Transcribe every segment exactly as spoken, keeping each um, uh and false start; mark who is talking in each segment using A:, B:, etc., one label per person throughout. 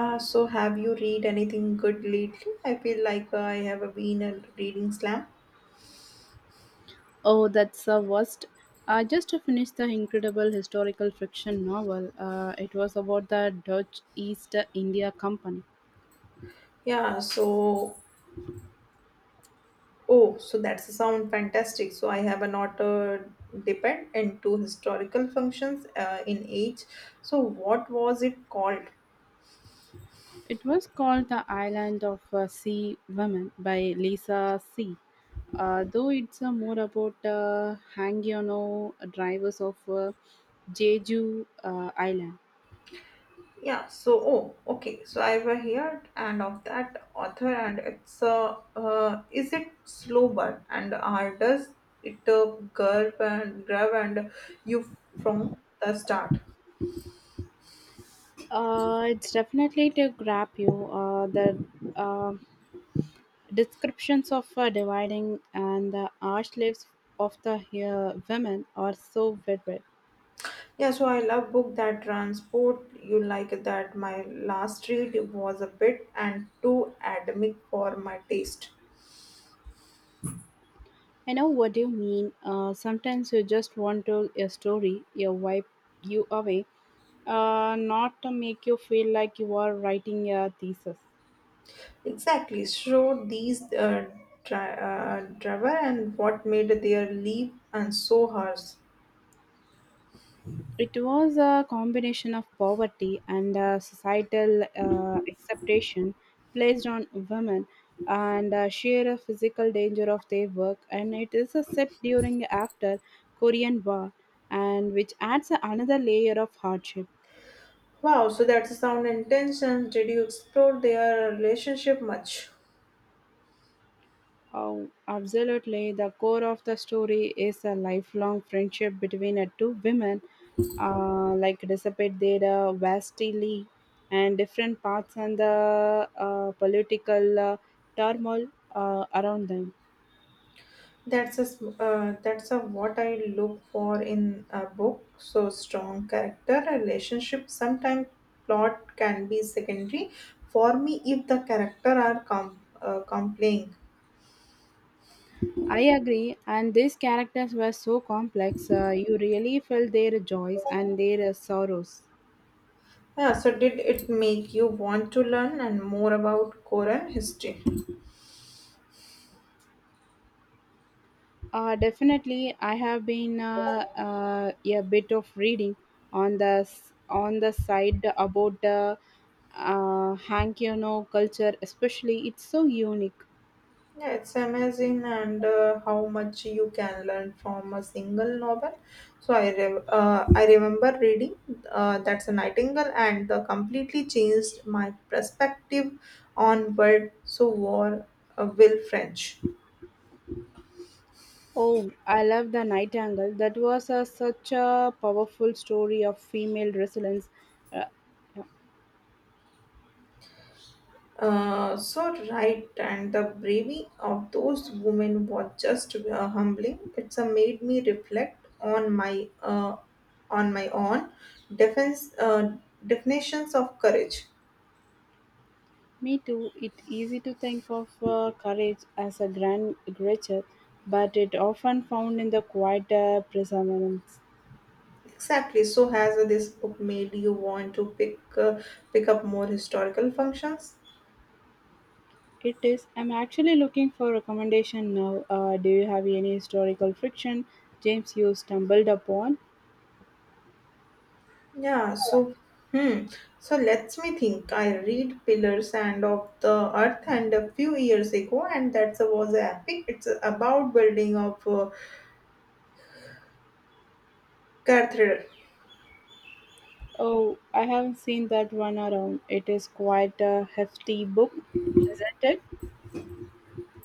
A: Uh, so, have you read anything good lately? I feel like uh, I have been a reading slam.
B: Oh, that's the worst. I just finished the incredible historical fiction novel. Uh, it was about the Dutch East India Company.
A: Yeah, so, oh, so that's a sound fantastic. So, I have a not uh, depend into historical functions uh, in age. So, what was it called?
B: It was called The Island of uh, Sea Women by Lisa C. Uh, though it's uh, more about uh, Hangyono drivers of uh, Jeju uh, Island.
A: Yeah, so, oh, okay. So, I have heard and of that author, and it's uh, uh, is it slow burn and uh, does it uh, grab and grab and you from the start?
B: Uh, it's definitely to grab you. Uh, the uh, Descriptions of uh, dividing and the arch lives of the uh, women are so vivid.
A: Yeah, so I love book that transport you like that. My last read was a bit and too academic for my taste.
B: I know what you mean. Uh, sometimes you just want to a story, you wipe you away, uh, not to make you feel like you are writing a thesis.
A: Exactly. So these uh, dri- uh, driver and what made their leap and so hers.
B: It was a combination of poverty and uh, societal uh, acceptation placed on women and uh, sheer physical danger of their work. And it is a set during after Korean War, and which adds another layer of hardship.
A: Wow, so that's a sound intention. Did you explore their relationship much?
B: Oh, absolutely. The core of the story is a lifelong friendship between uh, two women, uh, like despite their uh, vastly and different paths and the uh, political uh, turmoil uh, around them.
A: That's a sm- uh, that's a what I look for in a book. So strong character, relationship. Sometimes plot can be secondary for me if the character are com- uh, compelling.
B: I agree, and these characters were so complex. Uh, you really felt their joys and their uh, sorrows.
A: Yeah. So did it make you want to learn and more about Korean history?
B: Uh, definitely, I have been uh, uh, a bit of reading on the s- on the side about the uh, Hankyono culture, especially. It's so unique.
A: Yeah, it's amazing and uh, how much you can learn from a single novel. So I re- uh, I remember reading uh, that's a Nightingale and uh, completely changed my perspective on world so war uh, will French.
B: Oh, I love the Nightingale. That was a, such a powerful story of female resilience. Uh, yeah,
A: Uh, so right and the bravery of those women was just uh, humbling. It's uh, made me reflect on my uh, on my own defense uh, definitions of courage.
B: me too. It's easy to think of uh, courage as a grand gesture, but it often found in the quieter perseverance.
A: Exactly. So has uh, this book made you want to pick uh, pick up more historical functions?
B: It is. I'm actually looking for recommendation now. Uh, do you have any historical fiction, James, you stumbled upon?
A: Yeah. So hmm. so let's me think. I read Pillars and of the Earth and a few years ago, and that was epic. It's about building of uh, cathedral.
B: Oh, I haven't seen that one around. It is quite a hefty book, isn't it?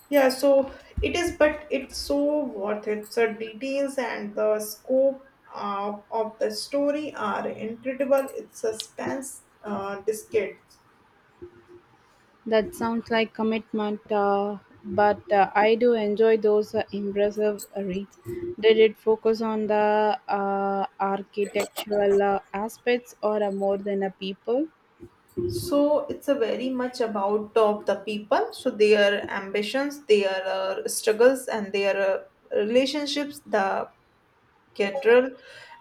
A: Yeah. So it is, but it's so worth it. So details and the scope. Uh, of the story are incredible. It's suspense uh, discades.
B: That sounds like commitment, uh, but uh, I do enjoy those uh, impressive reads. Did it focus on the uh, architectural uh, aspects or uh, more than a people?
A: So it's a very much about of the people, so their ambitions, their uh, struggles, and their uh, relationships. The cathedral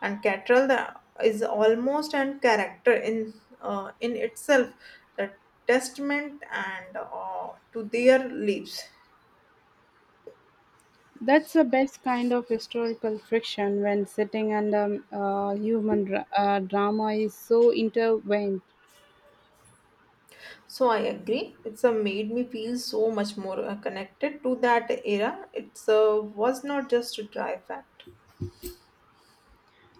A: and cathedral the, is almost an character in uh, in itself, the testament and uh, to their lives.
B: That's the best kind of historical friction when sitting under uh, human dra- uh, drama is so intertwined.
A: So I agree. It's a made me feel so much more uh, connected to that era. It's uh, was not just a dry fact.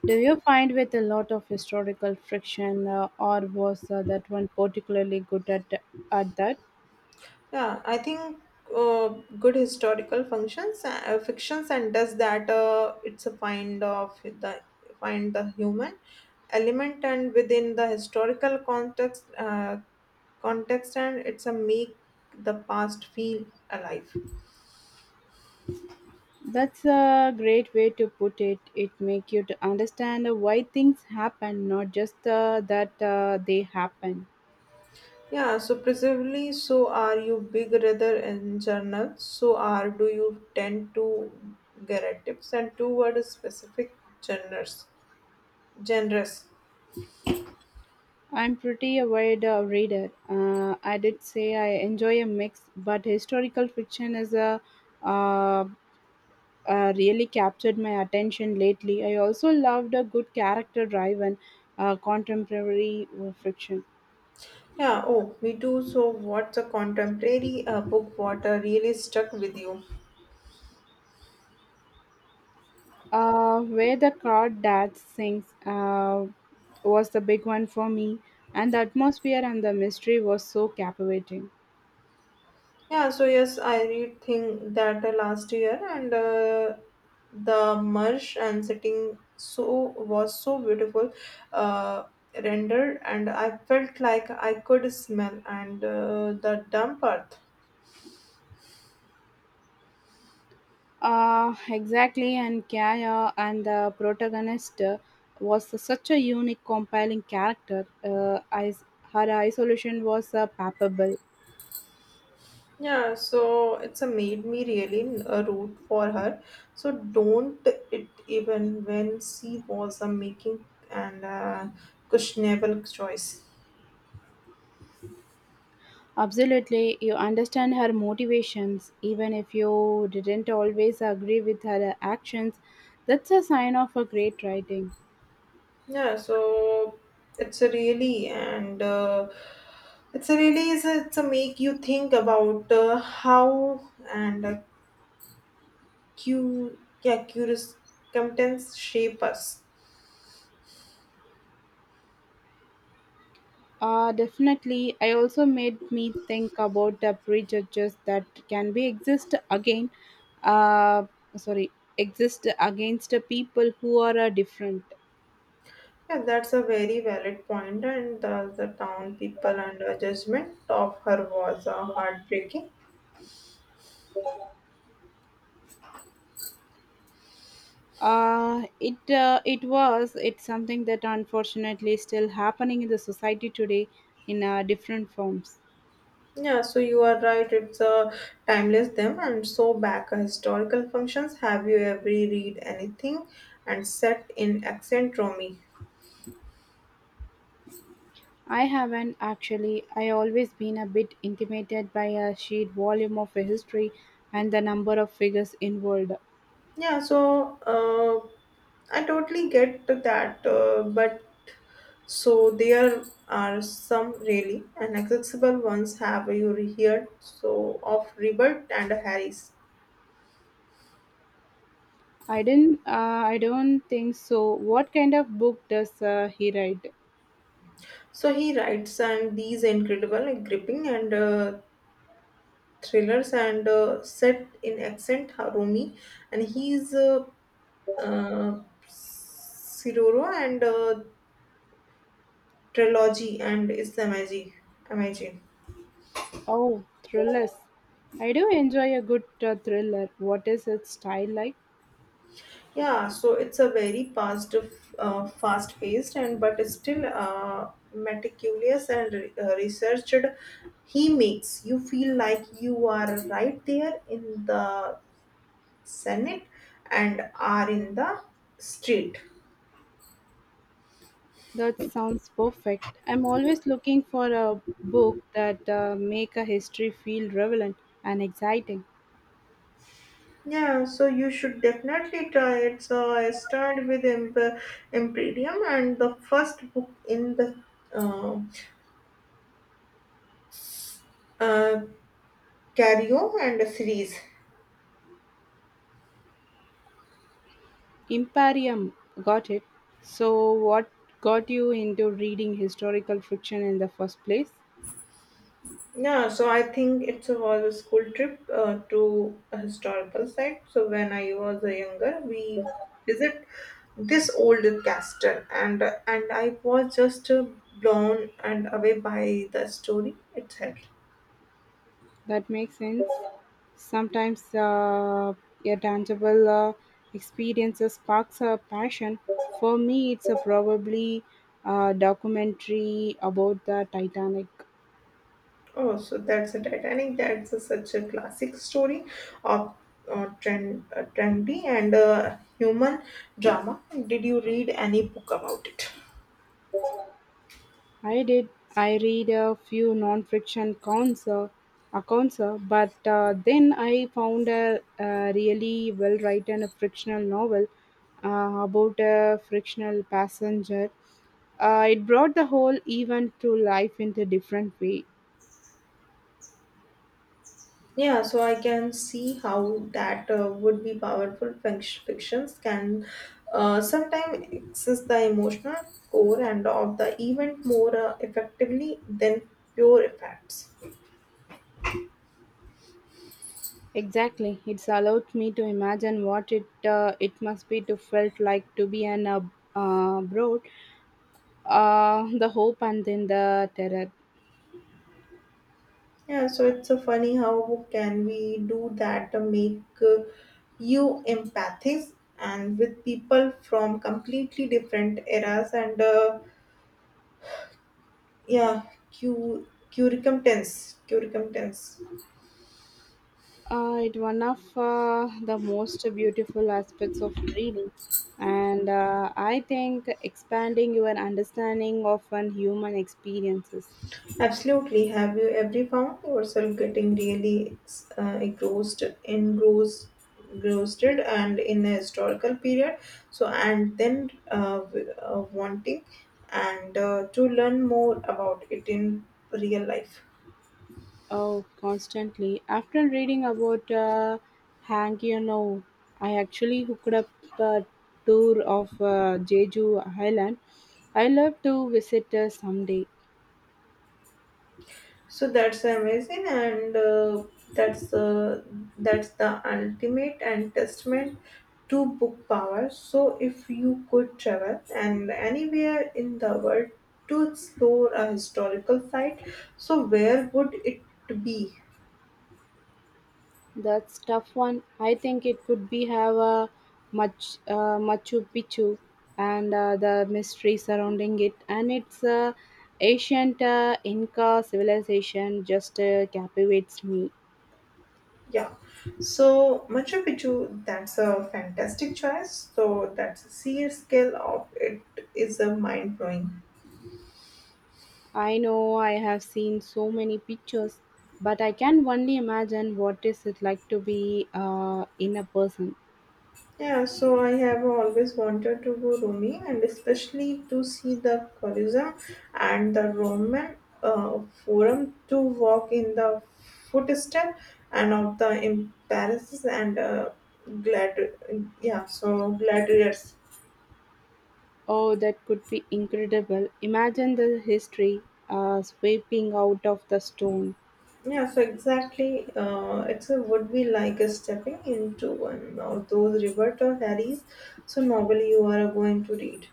B: Do you find with a lot of historical friction, uh, or was uh, that one particularly good at at that?
A: Yeah, I think uh, good historical functions, uh, fictions, and does that. Uh, it's a find of the find the human element, and within the historical context, uh, context, and it's a make the past feel alive.
B: That's a great way to put it. It make you to understand why things happen, not just uh, that uh, they happen.
A: Yeah, so presumably, so are you big rather in journal? So are do you tend to get and toward specific genres? Genres.
B: I'm pretty a wide uh, reader. Uh, I did say I enjoy a mix, but historical fiction is a uh, uh, really captured my attention lately. I also loved a good character-driven uh, contemporary uh, fiction.
A: Yeah, oh, me too. So, what's a contemporary uh, book what uh, really stuck with you?
B: Uh, Where the Card Dad Sings uh, was the big one for me, and the atmosphere and the mystery was so captivating.
A: Yeah, so yes, I read thing that uh, last year and uh, the marsh and setting so was so beautiful uh, rendered and I felt like I could smell and uh, the damp earth.
B: Uh, exactly, and Kaya and the protagonist uh, was such a unique, compelling character. Uh, is- her isolation was uh, palpable.
A: Yeah, so it's a made me really uh, root for her. So don't it even when she was a making and uh, questionable choice.
B: Absolutely, you understand her motivations, even if you didn't always agree with her actions. That's a sign of a great writing.
A: Yeah, so it's a really and uh, it's a really is a, it's a make you think about uh, how and uh, cu yeah curious contents shape us.
B: Uh, definitely. I also made me think about the prejudges that can be exist again. Uh, sorry, exist against the people who are uh, different.
A: Yeah, that's a very valid point, and thus the town people and her judgment of her was uh, heartbreaking.
B: Uh, it uh, it was it's something that unfortunately still happening in the society today in uh, different forms.
A: Yeah, so you are right, it's a timeless them, and so back uh, historical functions. Have you ever read anything and set in accent Romi?
B: I haven't actually. I always been a bit intimidated by a sheer volume of a history and the number of figures involved.
A: Yeah, so uh, I totally get to that, uh, but so there are some really inaccessible ones. Have you heard so of Rebirth and Harris?
B: I didn't. Uh, I don't think so. What kind of book does uh, he write?
A: So he writes and these incredible, like, gripping and uh, thrillers and uh, set in accent Harumi, and he's uh, uh, Siroro and uh, trilogy and it's amazing, amazing.
B: Oh, thrillers. I do enjoy a good uh, thriller. What is its style like?
A: Yeah, so it's a very fast, uh, fast paced and but still uh, meticulous and re- uh, researched. He makes you feel like you are right there in the Senate and are in the street.
B: That sounds perfect. I'm always looking for a book that uh, make a history feel relevant and exciting.
A: Yeah, so you should definitely try it. So I started with Imp- Imperium and the first book in the uh, uh, Cario and a series.
B: Imperium, got it. So, what got you into reading historical fiction in the first place?
A: Yeah, so I think it was a school trip uh, to a historical site. So when I was a younger, we visit this old castle and and I was just uh, blown and away by the story itself.
B: That makes sense. Sometimes uh, a tangible uh, experience sparks a passion. For me, it's a probably a documentary about the Titanic.
A: Oh, so that's a Titanic. That's a, such a classic story of uh, trend, uh, trendy and uh, human drama. Did you read any book about it?
B: I did. I read a few non-fiction accounts, uh, accounts, uh, but uh, then I found a, a really well-written fictional novel uh, about a fictional passenger. Uh, it brought the whole event to life in a different way.
A: Yeah, so I can see how that uh, would be powerful. Fic- Fictions can uh, sometimes access the emotional core and of the event more uh, effectively than pure effects.
B: Exactly. It's allowed me to imagine what it uh, it must be to felt like to be an uh, uh, broad, uh, the hope and then the terror.
A: Yeah, so it's a funny how can we do that to make uh, you empathies and with people from completely different eras and uh, yeah, cu- curriculum tense, curriculum tense.
B: Uh, it's one of uh, the most beautiful aspects of reading, and uh, I think expanding your understanding of an human experiences.
A: Absolutely. Have you ever found yourself getting really ex- uh, engrossed, engrossed, engrossed, and in a historical period? So, and then uh, w- uh, wanting and uh, to learn more about it in real life.
B: Oh, constantly. After reading about uh, Hang You Know, I actually hooked up a tour of uh, Jeju Island. I love to visit uh, someday.
A: So that's amazing, and uh, that's uh, that's the ultimate and testament to book power. So if you could travel and anywhere in the world to explore a historical site, so where would it be?
B: That's tough one. I think it could be have a much uh, Machu Picchu and uh, the mystery surrounding it, and it's uh, ancient uh, Inca civilization just uh, captivates me.
A: Yeah. So Machu Picchu, that's a fantastic choice. So that's a sheer scale of it is a mind blowing.
B: I know I have seen so many pictures, but I can only imagine what is it like to be uh, in a person.
A: Yeah, so I have always wanted to go Rome and especially to see the Colosseum and the Roman uh, Forum to walk in the footstep and of the emperors and uh, glad yeah so gladiators
B: Oh, that could be incredible. Imagine the history uh, sweeping out of the stone.
A: yeah so exactly uh, it's a would be like a stepping into one of those Roberto Harry's so novel you are going to read.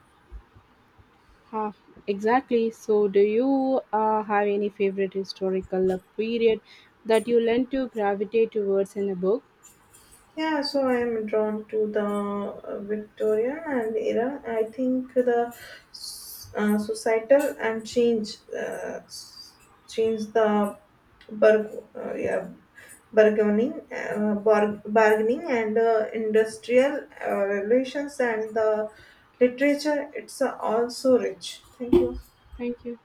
B: Huh, exactly. So, do you uh, have any favorite historical uh, period that you learn to gravitate towards in a book?
A: Yeah, so I am drawn to the uh, Victorian and era. I think the uh, societal and change uh, change the burg uh, yeah bargaining uh, bar- bargaining and uh, industrial uh, relations and the literature. It's uh, also rich. Thank you.
B: Thank you.